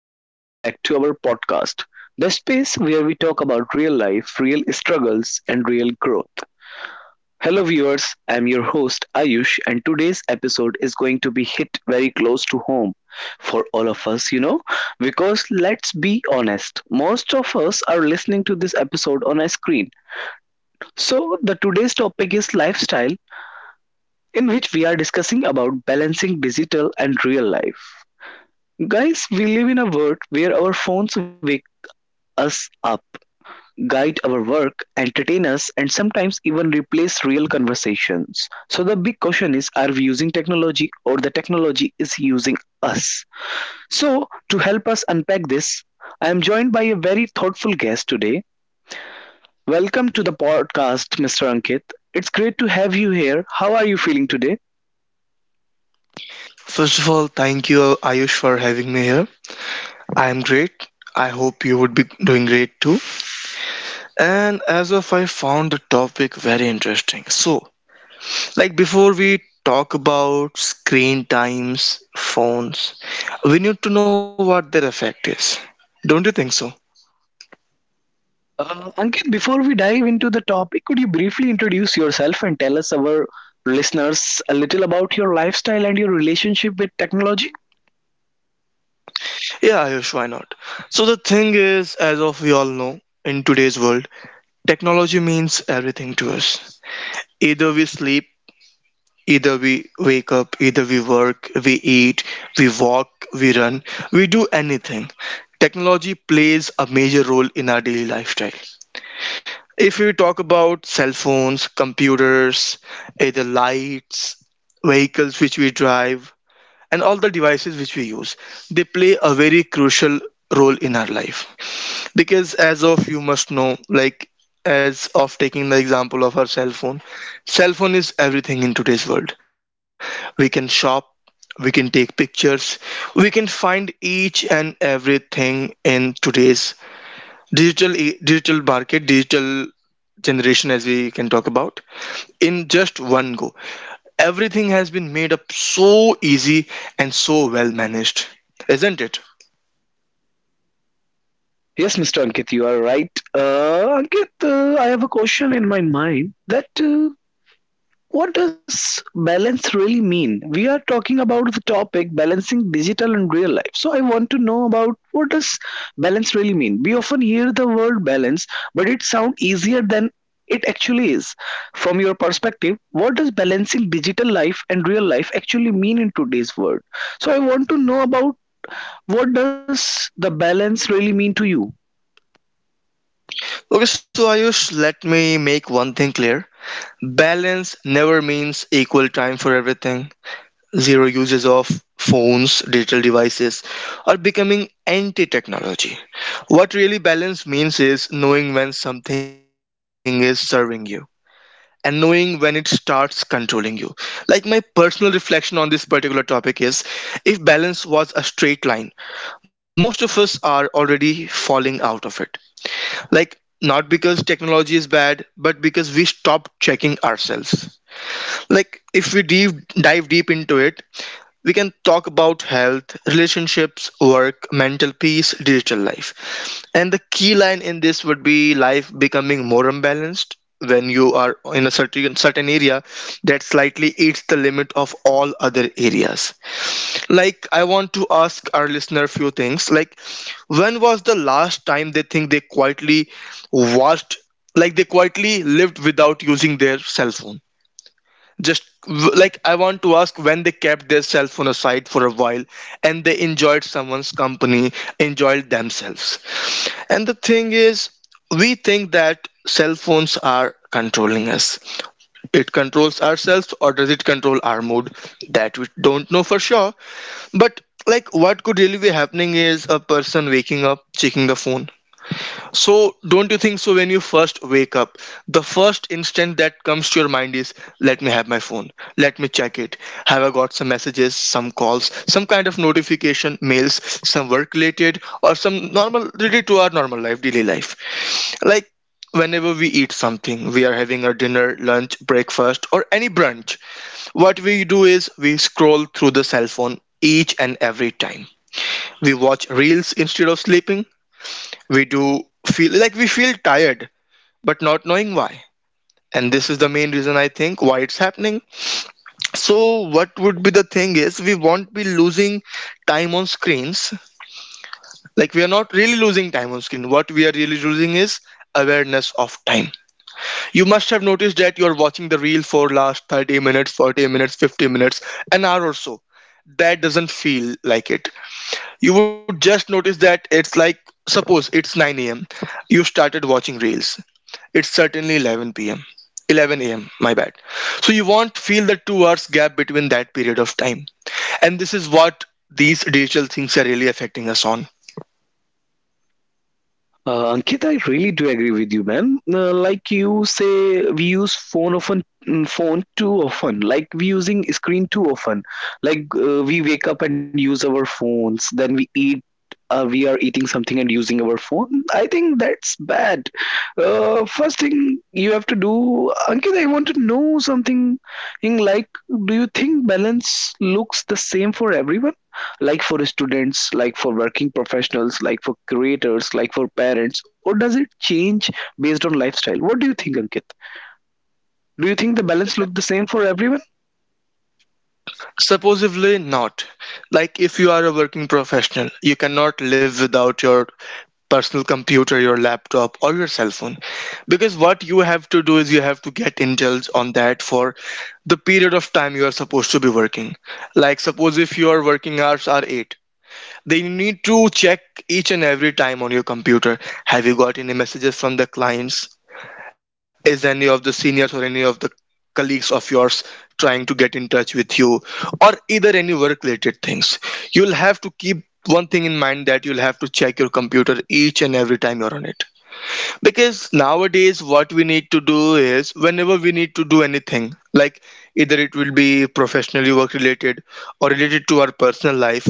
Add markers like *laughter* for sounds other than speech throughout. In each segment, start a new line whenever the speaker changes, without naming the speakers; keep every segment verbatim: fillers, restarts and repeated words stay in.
and welcome back to our podcast, the space where we talk about real life, real struggles, and real growth. Hello, viewers, I'm your host, Ayush, and today's episode is going to be hit very close to home for all of us, you know, because let's be honest, most of us are listening to this episode on a screen. So, the today's topic is lifestyle, in which we are discussing about balancing digital and real life. Guys, we live in a world where our phones us up, guide our work, entertain us, and sometimes even replace real conversations. So, the big question is, are we using technology or the technology is using us? So, to help us unpack this, I am joined by a very thoughtful guest today. Welcome to the podcast, Mister Ankit. It's great to have you here. How are you feeling today?
First of all, thank you, Ayush, for having me here. I am great. I hope you would be doing great too. And as of I found the topic very interesting. So, like before we talk about screen times, phones, we need to know what their effect is. Don't you think so?
Uh, Ankit, before we dive into the topic, could you briefly introduce yourself and tell us our listeners a little about your lifestyle and your relationship with technology?
Yeah, Ayush, why not? So the thing is, as of we all know, in today's world, technology means everything to us. Either we sleep, either we wake up, either we work, we eat, we walk, we run, we do anything. Technology plays a major role in our daily lifestyle. If we talk about cell phones, computers, either lights, vehicles which we drive, and all the devices which we use, they play a very crucial role in our life, because as of you must know, like as of taking the example of our cell phone, cell phone is everything in today's world. We can shop, we can take pictures, we can find each and everything in today's digital e- digital market, digital generation, as we can talk about in just one go. Everything has been made up so easy and so well managed, isn't it?
Yes, Mister Ankit, you are right. Uh, Ankit, uh, I have a question in my mind that uh, what does balance really mean? We are talking about the topic balancing digital and real life. So I want to know about what does balance really mean? We often hear the word balance, but it sounds easier than it actually is. From your perspective, what does balancing digital life and real life actually mean in today's world? So I want to know about what does the balance really mean to you?
Okay, so Ayush, let me make one thing clear. Balance never means equal time for everything. Zero uses of phones, digital devices are becoming anti technology. What really balance means is knowing when something is serving you and knowing when it starts controlling you. Like, my personal reflection on this particular topic is, if balance was a straight line, most of us are already falling out of it. Like, not because technology is bad, but because we stop checking ourselves. Like, if we deep, dive deep into it, we can talk about health, relationships, work, mental peace, digital life. And the key line in this would be, life becoming more unbalanced when you are in a certain certain area that slightly eats the limit of all other areas. Like, I want to ask our listener a few things. Like, when was the last time they think they quietly watched, like they quietly lived without using their cell phone? Just w- like, I want to ask when they kept their cell phone aside for a while and they enjoyed someone's company, enjoyed themselves. And the thing is, we think that cell phones are controlling us. It controls ourselves, or does it control our mood, that we don't know for sure. But like, what could really be happening is a person waking up checking the phone. So don't you think so, when you first wake up, the first instant that comes to your mind is, let me have my phone. Let me check it. Have I got some messages, some calls, some kind of notification, mails, some work related or some normal related to our normal life, daily life. Like, whenever we eat something, we are having a dinner, lunch, breakfast or any brunch, what we do is we scroll through the cell phone each and every time. We watch reels instead of sleeping. We do feel like we feel tired, but not knowing why. And this is the main reason I think why it's happening. So, what would be the thing is, we won't be losing time on screens. Like, we are not really losing time on screen. What we are really losing is awareness of time. You must have noticed that you are watching the reel for last thirty minutes, forty minutes, fifty minutes, an hour or so, that doesn't feel like it. You would just notice that it's like, suppose it's nine a m you started watching reels. It's certainly eleven p m eleven a m, my bad. So you won't feel the two hours gap between that period of time. And this is what these digital things are really affecting us on.
Uh, Ankit, I really do agree with you, man. Uh, like you say, we use phone often, mm, phone too often. Like we using screen too often. Like uh, we wake up and use our phones. Then we eat uh, we are eating something and using our phone. I think that's bad. Uh, first thing you have to do, Ankit, I want to know something, in like, do you think balance looks the same for everyone, like for students, like for working professionals, like for creators, like for parents, or does it change based on lifestyle? What do you think, Ankit? Do you think the balance look the same for everyone?
Supposedly not. Like, if you are a working professional, you cannot live without your personal computer, your laptop, or your cell phone. Because what you have to do is, you have to get indulged on that for the period of time you are supposed to be working. Like, suppose if your working hours are eight, then you need to check each and every time on your computer. Have you got any messages from the clients? Is any of the seniors or any of the colleagues of yours trying to get in touch with you, or either any work related things? You'll have to keep one thing in mind, that you'll have to check your computer each and every time you're on it. Because nowadays, what we need to do is, whenever we need to do anything, like either it will be professionally work related or related to our personal life,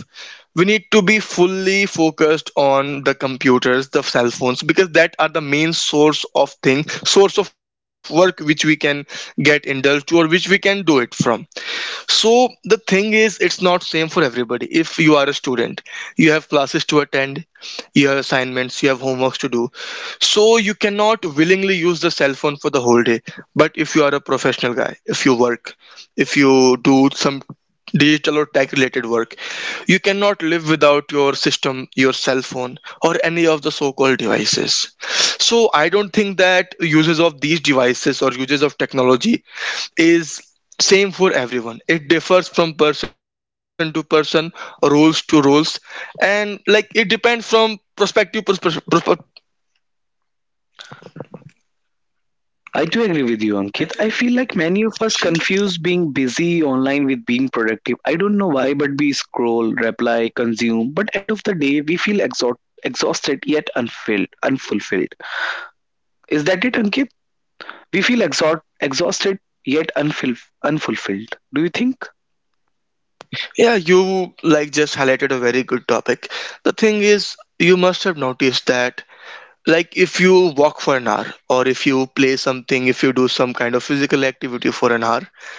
we need to be fully focused on the computers, the cell phones, because that are the main source of thing, source of work which we can get indulged to or which we can do it from. So the thing is, it's not same for everybody. If you are a student, you have classes to attend, you have assignments, you have homeworks to do, so you cannot willingly use the cell phone for the whole day. But if you are a professional guy, if you work, if you do some digital or tech related work, you cannot live without your system, your cell phone, or any of the so called devices. So I don't think that uses of these devices or uses of technology is same for everyone. It differs from person to person, roles to roles, and like, it depends from perspective perspective
I do agree with you, Ankit. I feel like many of us confuse being busy online with being productive. I don't know why, but we scroll, reply, consume, but end of the day, we feel exhaust- exhausted yet unfilled, unfulfilled. Is that it, Ankit? We feel exhaust- exhausted yet unfil- unfulfilled. Do you think?
Yeah, you like just highlighted a very good topic. The thing is, you must have noticed that, like, if you walk for an hour, or if you play something, if you do some kind of physical activity for an hour,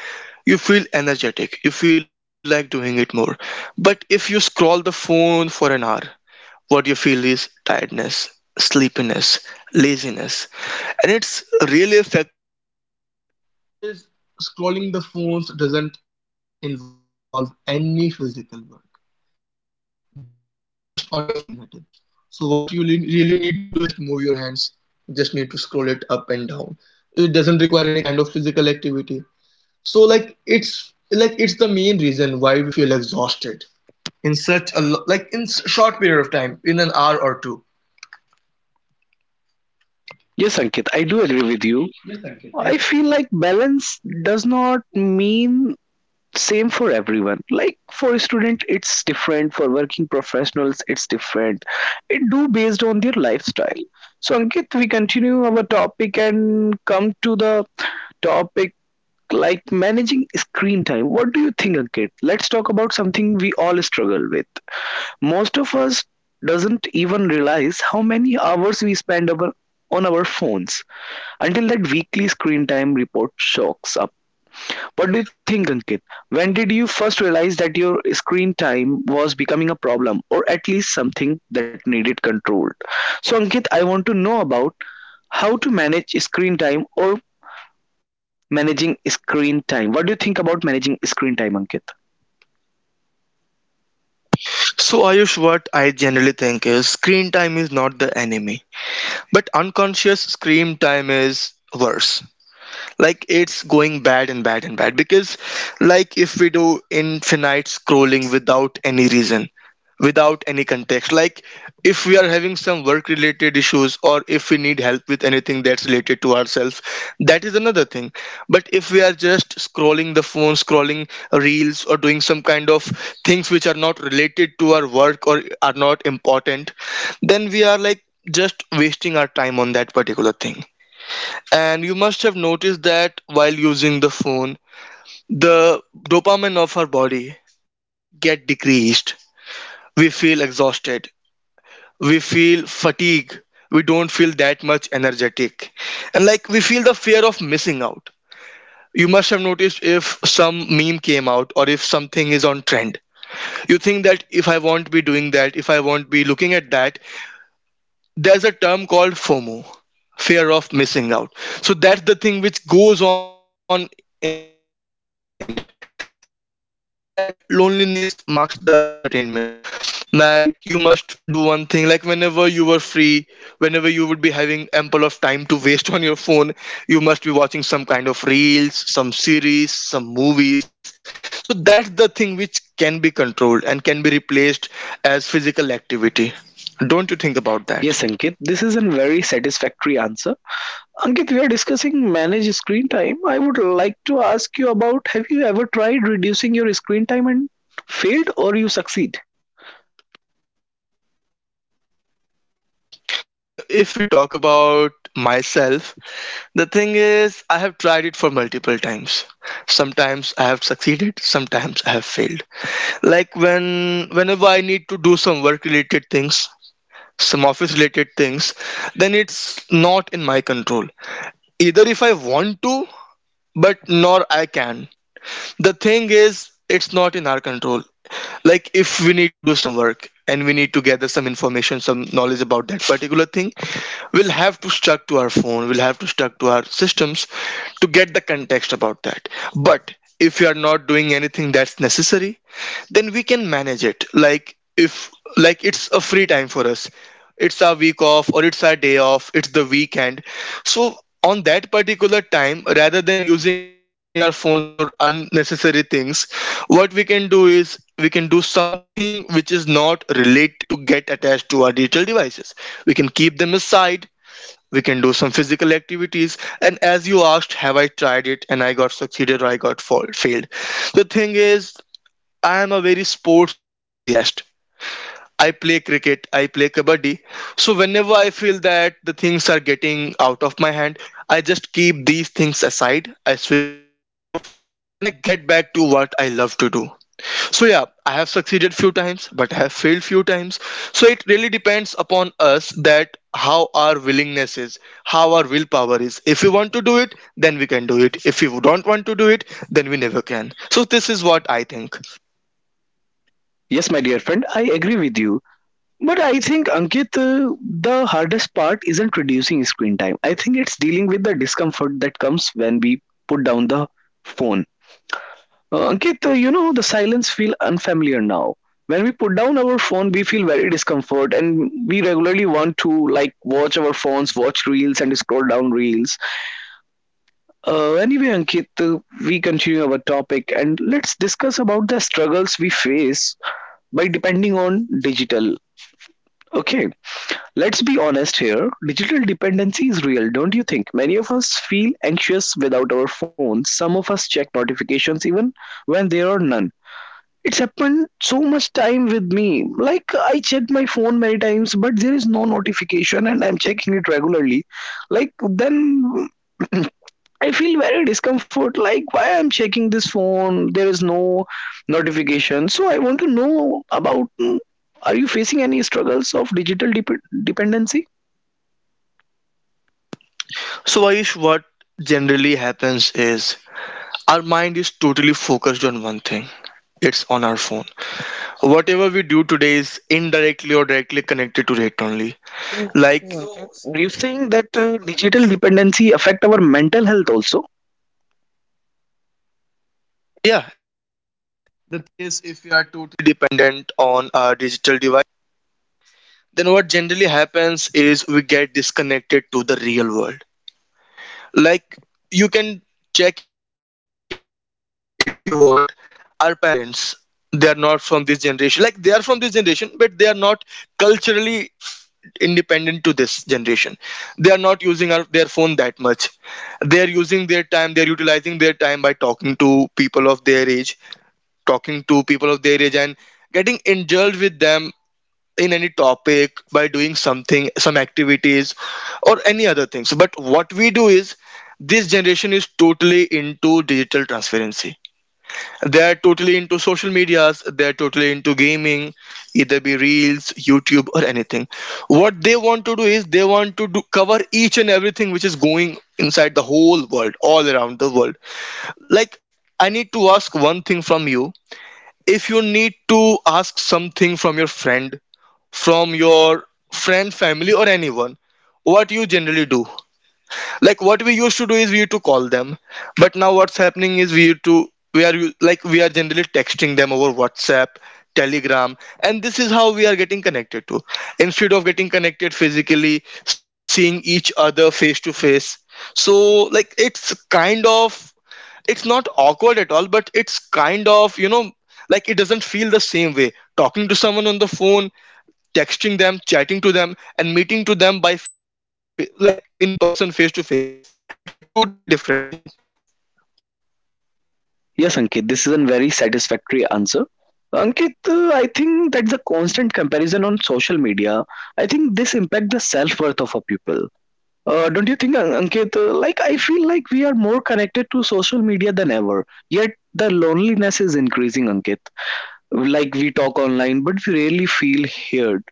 you feel energetic, you feel like doing it more. But if you scroll the phone for an hour, what you feel is tiredness, sleepiness, laziness, and it's really effective. Is Scrolling the phones doesn't involve any physical work. Just it's just on your fingertips. So what you le- really need to do is just move your hands. Just need to scroll it up and down. It doesn't require any kind of physical activity. So like, it's like it's the main reason why we feel exhausted in such a lo- like in s- short period of time, in an hour or two.
Yes, Ankit, I do agree with you. I feel like balance does not mean same for everyone, like for student it's different, for working professionals it's different. It do based on their lifestyle. So, Ankit, we continue our topic and come to the topic, like managing screen time. What do you think, Ankit? Let's talk about something we all struggle with. Most of us doesn't even realize how many hours we spend our, on our phones until that weekly screen time report shocks up. What do you think, Ankit? When did you first realize that your screen time was becoming a problem, or at least something that needed controlled? So, Ankit, I want to know about how to manage screen time, or managing screen time. What do you think about managing screen time, Ankit?
So, Ayush, what I generally think is, screen time is not the enemy, but unconscious screen time is worse. Like, it's going bad and bad and bad, because like, if we do infinite scrolling without any reason, without any context. Like, if we are having some work related issues, or if we need help with anything that's related to ourselves, that is another thing. But if we are just scrolling the phone, scrolling reels, or doing some kind of things which are not related to our work or are not important, then we are, like, just wasting our time on that particular thing. And you must have noticed that while using the phone, the dopamine of our body get decreased, we feel exhausted, we feel fatigue, we don't feel that much energetic. And like, we feel the fear of missing out. You must have noticed, if some meme came out or if something is on trend, you think that, if I won't be doing that, if I won't be looking at that, there's a term called foh moh, fear of missing out. So that's the thing which goes on in our mind. And one thing is that, loneliness marks the entertainment. Like, you must do one thing, like whenever you were free, whenever you would be having ample of time to waste *laughs* on your phone, you must be watching some kind of reels, some series, some movies. So that's the thing which can be controlled and can be replaced as physical activity. Don't you think about that?
Yes, Ankit, this is a very satisfactory answer. Ankit, we are discussing manage screen time. I would like to ask you about, have you ever tried reducing your screen time and failed, or you succeed?
*laughs* If we talk about myself, the thing is, I have tried it for multiple times. Sometimes I have succeeded, sometimes I have failed. Like, when whenever I need to do some work related things, some office related things, then it's not in my control. Either if I want to, but nor I can. The thing is, it's not in our control like if we need to do some work and we need to gather some information some knowledge about that particular thing we'll have to stuck to our phone we'll have to stuck to our systems to get the context about that but if you are not doing anything that's necessary then we can manage it like if like it's a free time for us. It's our week off or it's our day off, it's the weekend so on that particular time rather than using our phone for unnecessary things what we can do is we can do something which is not related to get attached to our digital devices. We can keep them aside, we can do some physical activities and as you asked have I tried it and I got succeeded or I got fall- failed. The thing is I am a very sports enthusiast. I play cricket, I play kabaddi. So whenever I feel that the things are getting out of my hand, I just keep these things aside, I switch them off, and I get back to what I love to do. So yeah, I have succeeded few times, but I have failed few times. So it really depends upon us that how our willingness is, how our willpower is. If we want to do it, then we can do it. If we don't want to do it, then we never can. So this is what I think.
Yes, my dear friend, I agree with you. But I think, Ankit, uh, the hardest part isn't reducing screen time. I think it's dealing with the discomfort that comes when we put down the phone. Uh, Ankit, uh, you know, the silence feel unfamiliar now. When we put down our phone, we feel very discomfort and we regularly want to, like, watch our phones, watch reels and scroll down reels. Uh, anyway, Ankit, uh, we continue our topic and let's discuss about the struggles we face by depending on digital. Okay, let's be honest here. Digital dependency is real, don't you think? Many of us feel anxious without our phones. Some of us check notifications even when there are none. It's happened so much time with me. Like, I checked my phone many times, but there is no notification, and I'm checking it regularly. Like then *clears throat* I feel very discomfort. Like, why I'm checking this phone? There is no notification. So I want to know about, mm, are you facing any struggles of digital dep- dependency?
So, Aish, what generally happens is our mind is totally focused on one thing. It's on our phone. Whatever we do today is indirectly or directly connected to it only.
So, so
Like,
Ankit, are you saying that uh, digital dependency affect our mental health also?
yeah, it's totally dependent on our digital device. Then what generally happens is we get disconnected to the real world. Like, you can check it if you want. Our parents, they are not from this generation. Like, they are from this generation, but they are not culturally independent to this generation. They are not using our, their phone that much, they are using their time, they're utilizing their time by talking to people of their age, talking to people of their age and getting indulged with them in any topic by doing something some activities or any other things. But what we do is this generation is totally into digital transparency, they're totally into social medias, they're totally into gaming, either be Reels, YouTube, or anything. What they want to do is they want to do, cover each and everything which is going inside the whole world, all around the world. Like, I need to ask one thing from you. If you need to ask something from your friend, from your friend, family, or anyone, what you generally do? Like what we used to do is we used to call them but now what's happening is we used to we are u- like we are generally texting them over WhatsApp, Telegram and this is how we are getting connected to instead of getting connected physically seeing each other face to face. So like it's kind of, it's not awkward at all but it's kind of, you know like it doesn't feel the same way talking to someone on the phone, texting them, chatting to them and meeting to them by fa- like in person face to face, it's a totally different thing.
Yes, Ankit, this is a very satisfactory answer. Ankit, uh, I think that the constant comparison on social media, I think this impact the self worth of a people. Uh, don't you think, An- Ankit? uh, Like, I feel like we are more connected to social media than ever. Yet the loneliness is increasing, Ankit. Like, we talk online, but we rarely feel heard.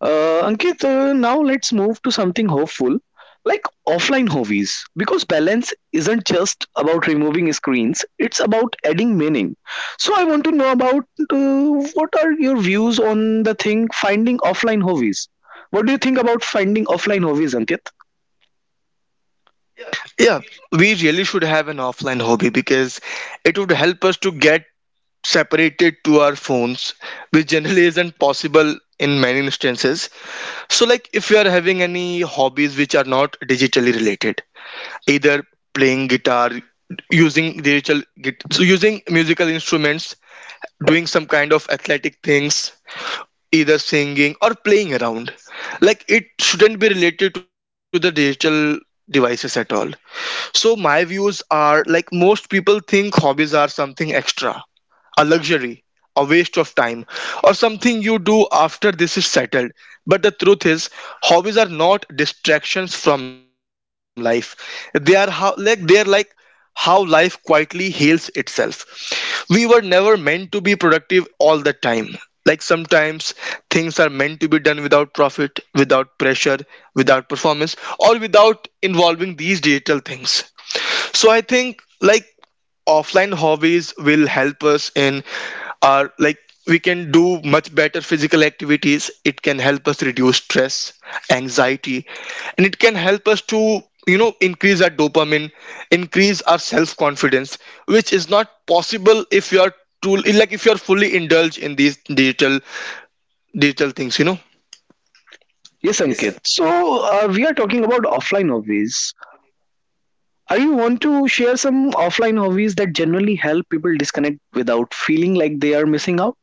Uh, Ankit, uh, now let's move to something hopeful, like offline hobbies. Because balance isn't just about removing screens; it's about adding meaning. So, I want to know about uh, what are your views on the thing finding offline hobbies. What do you think about finding offline hobbies, Ankit?
Yeah, we really should have an offline hobby because it would help us to get separated to our phones which generally isn't possible in many instances. So like if you are having any hobbies which are not digitally related, either playing guitar, using digital git- so using musical instruments, doing some kind of athletic things, either singing or playing around, like it shouldn't be related to the digital devices at all. So my views are like most people think hobbies are something extra, a luxury, a waste of time, or something you do after this is settled. But the truth is, hobbies are not distractions from life. They are how like they are like how life quietly heals itself. We were never meant to be productive all the time. Like sometimes things are meant to be done without profit, without pressure, without performance, or without involving these digital things. So I think like offline hobbies will help us in our like we can do much better physical activities, it can help us reduce stress, anxiety, and it can help us to you know increase our dopamine, increase our self confidence, which is not possible if you are too like if you are fully indulged in these digital digital things you know.
Yes, Ankit. So uh, we are talking about offline hobbies. Are you want to share some offline hobbies that generally help people disconnect without feeling like they are missing out?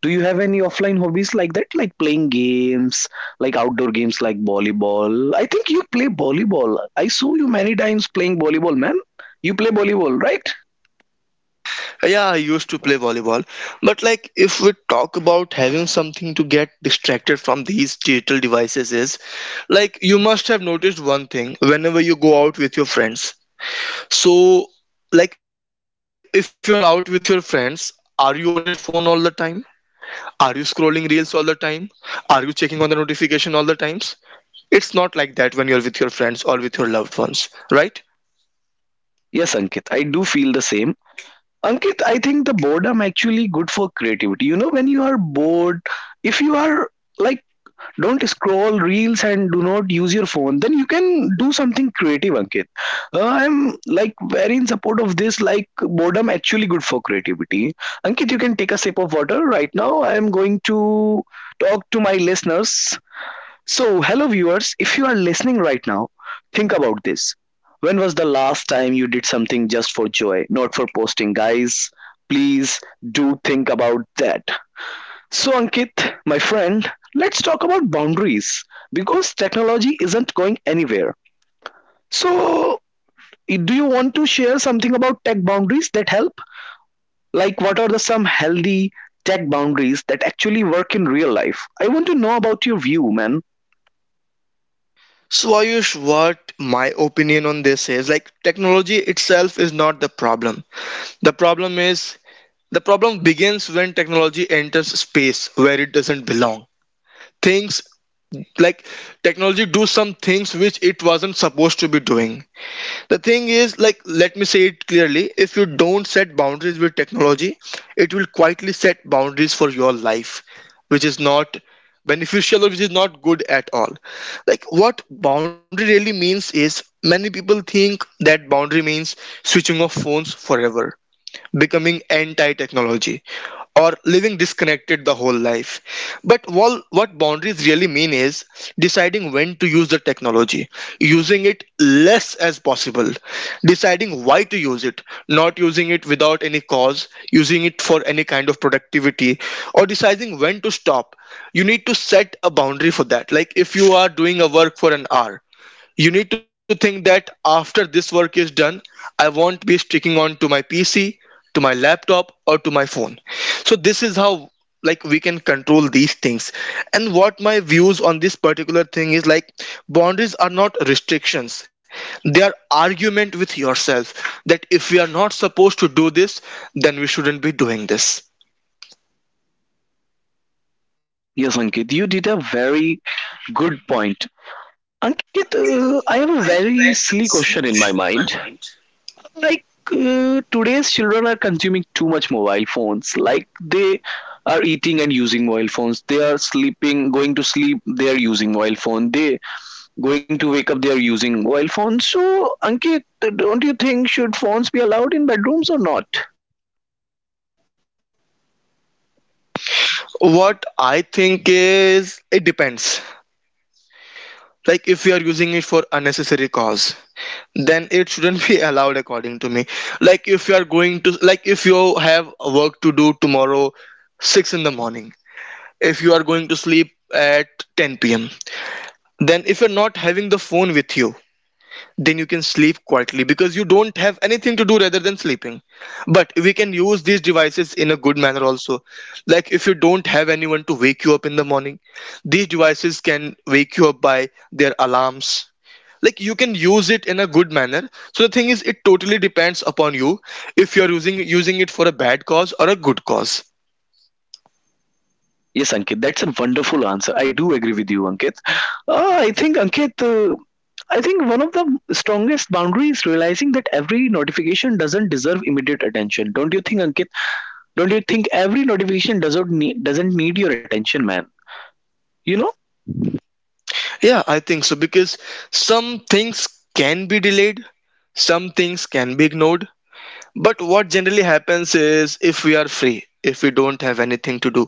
Do you have any offline hobbies like that, like playing games, like outdoor games like volleyball? I think you play volleyball. I saw you many times playing volleyball, man. You play volleyball, right?
Yeah, I used to play volleyball. But like if we talk about having something to get distracted from these digital devices is like you must have noticed one thing whenever you go out with your friends. So like if you're out with your friends, are you on your phone all the time? Are you scrolling reels all the time? Are you checking on the notification all the times? It's not like that when you're with your friends or with your loved ones, right?
Yes, Ankit. I do feel the same. Ankit, I think the boredom actually good for creativity. You know, when you are bored, if you are like, don't scroll reels and do not use your phone, then you can do something creative, Ankit. uh, I'm, like, very in support of this, like boredom actually good for creativity. Ankit, you can take a sip of water right now. I am going to talk to my listeners. So hello viewers, if you are listening right now, think about this. When was the last time you did something just for joy, not for posting? Guys, please do think about that. So, Ankit, my friend, let's talk about boundaries, because technology isn't going anywhere. So, i- do you want to share something about tech boundaries that help? Like, what are the some healthy tech boundaries that actually work in real life? I want to know about your view, man.
So Ayush, what my opinion on this is like technology itself is not the problem. The problem is the problem begins when technology enters space where it doesn't belong. Things like technology do some things which it wasn't supposed to be doing. The thing is, like, let me say it clearly, if you don't set boundaries with technology, it will quietly set boundaries for your life, which is not beneficial or which is not good at all. Like, what boundary really means is many people think that boundary means switching off phones forever, becoming anti-technology or living disconnected the whole life. But wal- what boundaries really mean is deciding when to use the technology, using it less as possible, deciding why to use it, not using it without any cause, using it for any kind of productivity, or deciding when to stop. You need to set a boundary for that. Like if you are doing a work for an hour, you need to think that after this work is done, I won't be sticking on to my P C, to my laptop, or to my phone. So this is how like we can control these things. And what my views on this particular thing is like boundaries are not restrictions. They are argument with yourself that if we are not supposed to do this, then we shouldn't be doing this.
Yes, Ankit, you did a very good point. Ankit, uh, I have a very silly question in my mind. Like, uh, today's children are consuming too much mobile phones. Like, they are eating and using mobile phones. They are sleeping, going to sleep, they are using mobile phone. They going to wake up, they are using mobile phone. So, Ankit, don't you think should phones be allowed in bedrooms or not?
What I think is it depends. Like if we are using it for unnecessary cause, then it shouldn't be *laughs* allowed according to me. Like if you are going to like if you have work to do tomorrow six in the morning, if you are going to sleep at ten p m p.m, then if you're not having the phone with you then you can sleep quietly because you don't have anything to do rather than sleeping. But we can use these devices in a good manner also. Like if you don't have anyone to wake you up in the morning, these devices can wake you up by their alarms. Like you can use it in a good manner. So the thing is it totally depends upon you if you're using using it for a bad cause or a good cause.
Yes, Ankit, that's a wonderful answer. I do agree with you, Ankit. Uh, I think, Ankit, uh, I think one of the strongest boundaries is realizing that every notification doesn't deserve immediate attention. Don't you think, Ankit? Don't you think every notification doesn't need, doesn't need your attention, man? You know?
Yeah, I think so because some things can be delayed, some things can be ignored. But what generally happens is if we are free, if we don't have anything to do,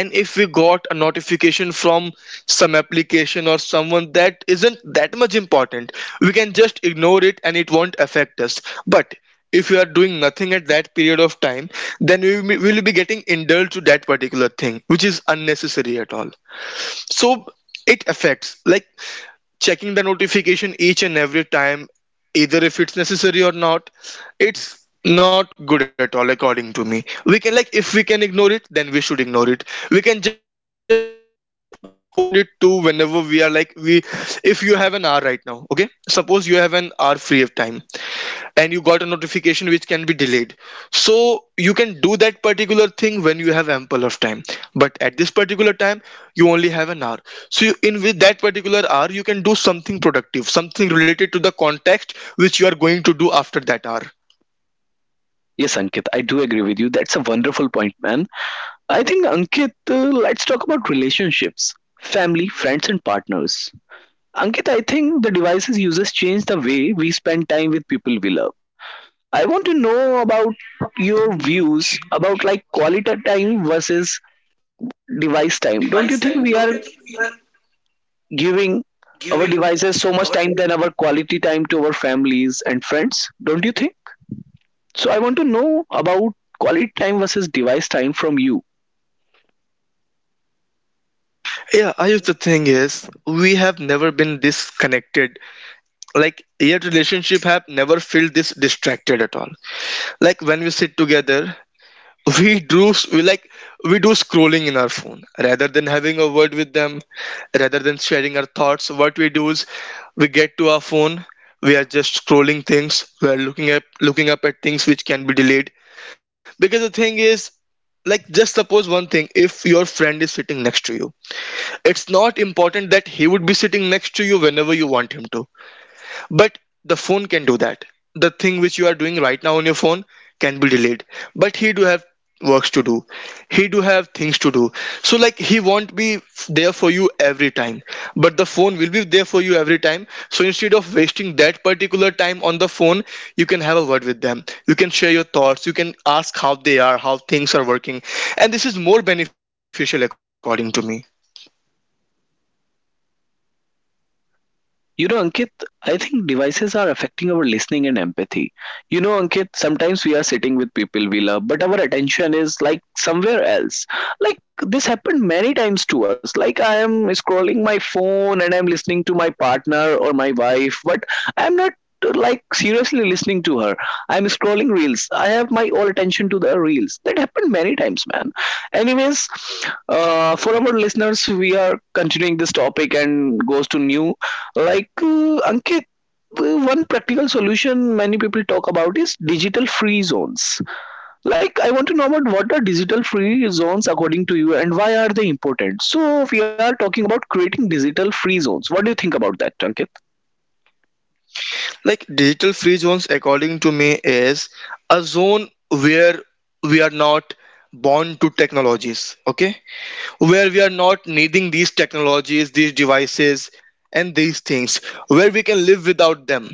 and if we got a notification from some application or someone that isn't that much important, we can just ignore it and it won't affect us. But if we are doing nothing at that period of time, then we will we will be getting indulged to that particular thing, which is unnecessary at all. So it affects like checking the notification each and every time either if it's necessary or not, it's not good at all according to me. We can like if we can ignore it then we should ignore it, we can just postpone it to whenever we are like we if you have an hour right now, okay, suppose you have an hour free of time and you got a notification which can be delayed, so you can do that particular thing when you have ample of time. But at this particular time you only have an hour, so you, in with that particular hour you can do something productive, something related to the context which you are going to do after that hour.
Yes, Ankit, I do agree with you. That's a wonderful point, man. I think, Ankit, uh, let's talk about relationships, family, friends, and partners. Ankit, I think the devices uses change the way we spend time with people we love. I want to know about your views about, like, quality time versus device time. Don't you think we are giving our devices so much time than our quality time to our families and friends? Don't you think? So I want to know about quality time versus device time from you.
Yeah I guess the thing is we have never been this connected, like your relationship have never felt this distracted at all. Like when we sit together we do s- we like we do scrolling in our phone rather than having a word with them, rather than sharing our thoughts. What we do is we get to our phone, we are just scrolling things, we are looking up looking up at things which can be delayed because the thing is like just suppose one thing, if your friend is sitting next to you, it's not important that he would be sitting next to you whenever you want him to, but the phone can do that. The thing which you are doing right now on your phone can be delayed. But he do have works to do. He do have things to do. So like he won't be f- there for you every time. But the phone will be there for you every time. So instead of wasting that particular time on the phone, you can have a word with them. You can share your thoughts. You can ask how they are, how things are working. And this is more beneficial according to me.
You know, Ankit, I think devices are affecting our listening and empathy. You know, Ankit, sometimes we are sitting with people we love, but our attention is like somewhere else. Like, this happened many times to us. Like, I am scrolling my phone and I'm listening to my partner or my wife, but I'm not, uh, like, seriously listening to her. I'm scrolling reels. I have my all attention to the reels. That happened many times, man. Anyways, uh, for our listeners, we are continuing this topic and goes to new, like, uh, Ankit, uh, one practical solution many people talk about is digital free zones. Like, I want to know about what are digital free zones according to you and why are they important? So we are talking about creating digital free zones. What do you think about that, Ankit?
Like digital free zones according to me is a zone where we are not bound to technologies, okay, where we are not needing these technologies, these devices and these things, where we can live without them,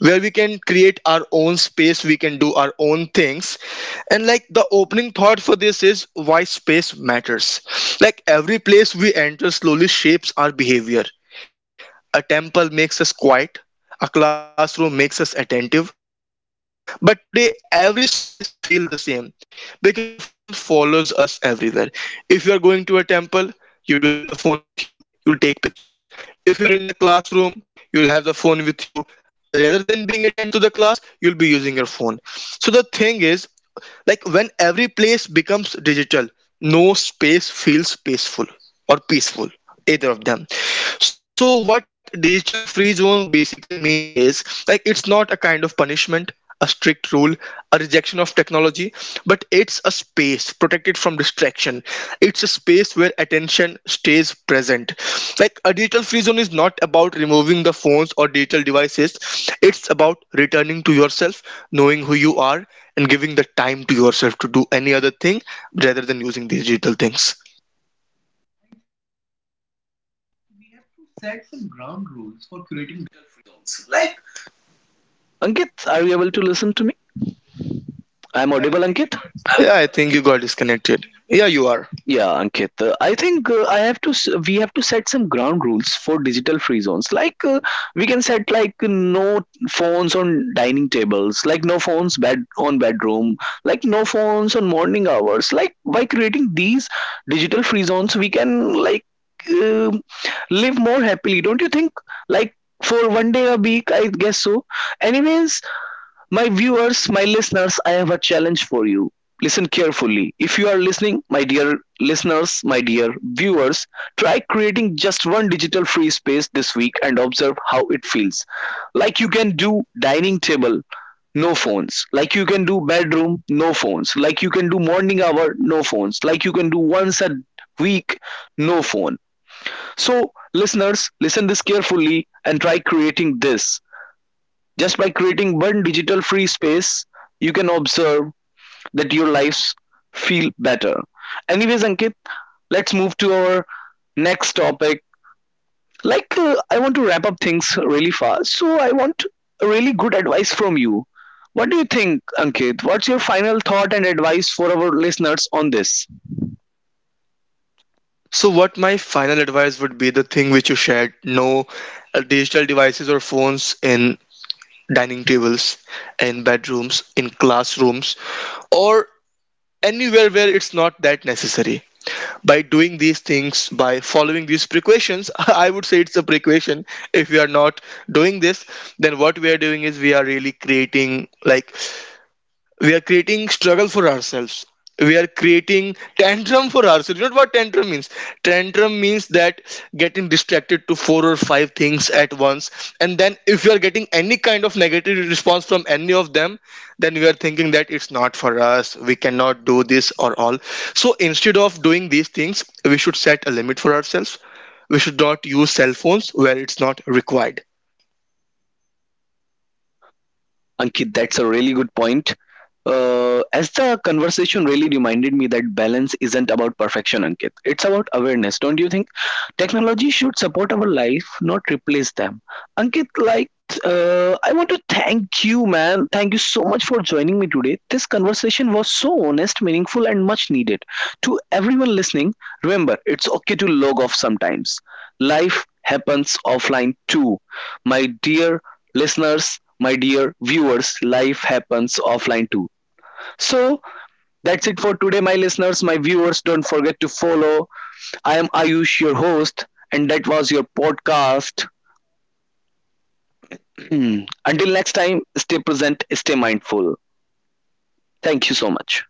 where we can create our own space, we can do our own things. And like the opening thought for this is why space matters. Like every place we enter slowly shapes our behavior. A temple makes us quiet, a classroom makes us attentive, but today every space feels the same because the phone follows us everywhere. If you are going to a temple, you do have the phone with you, you'll take pictures. If you're in the classroom, you'll have the phone with you. Rather than being attentive to the class, you'll be using your phone. So the thing is, like when every place becomes digital, no space feels peaceful or peaceful, either of them. So, what digital free zone basically means is like it's not a kind of punishment, a strict rule, a rejection of technology, but it's a space protected from distraction. It's a space where attention stays present. Like a digital free zone is not about removing the phones or digital devices, it's about returning to yourself, knowing who you are, and giving the time to yourself to do any other thing rather than using these digital things.
Ankit, are you able to listen to me? I'm Yeah, audible, Ankit.
Yeah, I think you got disconnected. Yeah, you are.
Yeah, Ankit. Uh, I think uh, I have to. S- we have to set some ground rules for digital free zones. Like uh, we can set like no phones on dining tables, like no phones bed on bedroom, like no phones on morning hours. Like, by creating these digital free zones, we can, like, uh, live more happily. Don't you think? Like, for one day a week, I guess so. Anyways, my viewers, my listeners, I have a challenge for you. Listen carefully. If you are listening, my dear listeners, my dear viewers, try creating just one digital free space this week and observe how it feels. Like, you can do dining table, no phones. Like, you can do bedroom, no phones. Like, you can do morning hour, no phones. Like, you can do once a week, no phone. So, listeners, listen this carefully and try creating this. Just by creating one digital free space, you can observe that your lives feel better. Anyways, Ankit, let's move to our next topic. Like, uh, I want to wrap up things really fast, so I want a really good advice from you. What do you think, Ankit? What's your final thought and advice for our listeners on this?
So, what my final advice would be the thing which you shared, no uh, digital devices or phones in dining tables, in bedrooms, in classrooms, or anywhere where it's not that necessary. By doing these things, by following these precautions, *laughs* I would say it's a precaution. If we are not doing this, then what we are doing is we are really creating like we are creating struggle for ourselves, we are creating tantrum for ourselves, you know what tantrum means. Tantrum means that getting distracted to four or five things at once and then if you are getting any kind of negative response from any of them, then we are thinking that it's not for us, we cannot do this or all. So instead of doing these things we should set a limit for ourselves, we should not use cell phones where it's not required.
Ankit, that's a really good point. Uh, as the conversation really reminded me that balance isn't about perfection, Ankit. It's about awareness, don't you think? Technology should support our life, not replace them. Ankit, like, uh, I want to thank you, man. Thank you so much for joining me today. This conversation was so honest, meaningful, and much needed. To everyone listening, remember, it's okay to log off sometimes. Life happens offline too. My dear listeners, my dear viewers, life happens offline too. So that's it for today, my listeners, my viewers. Don't forget to follow. I am Ayush, your host, and that was your podcast. *clears throat* Until next time, stay present, stay mindful. Thank you so much.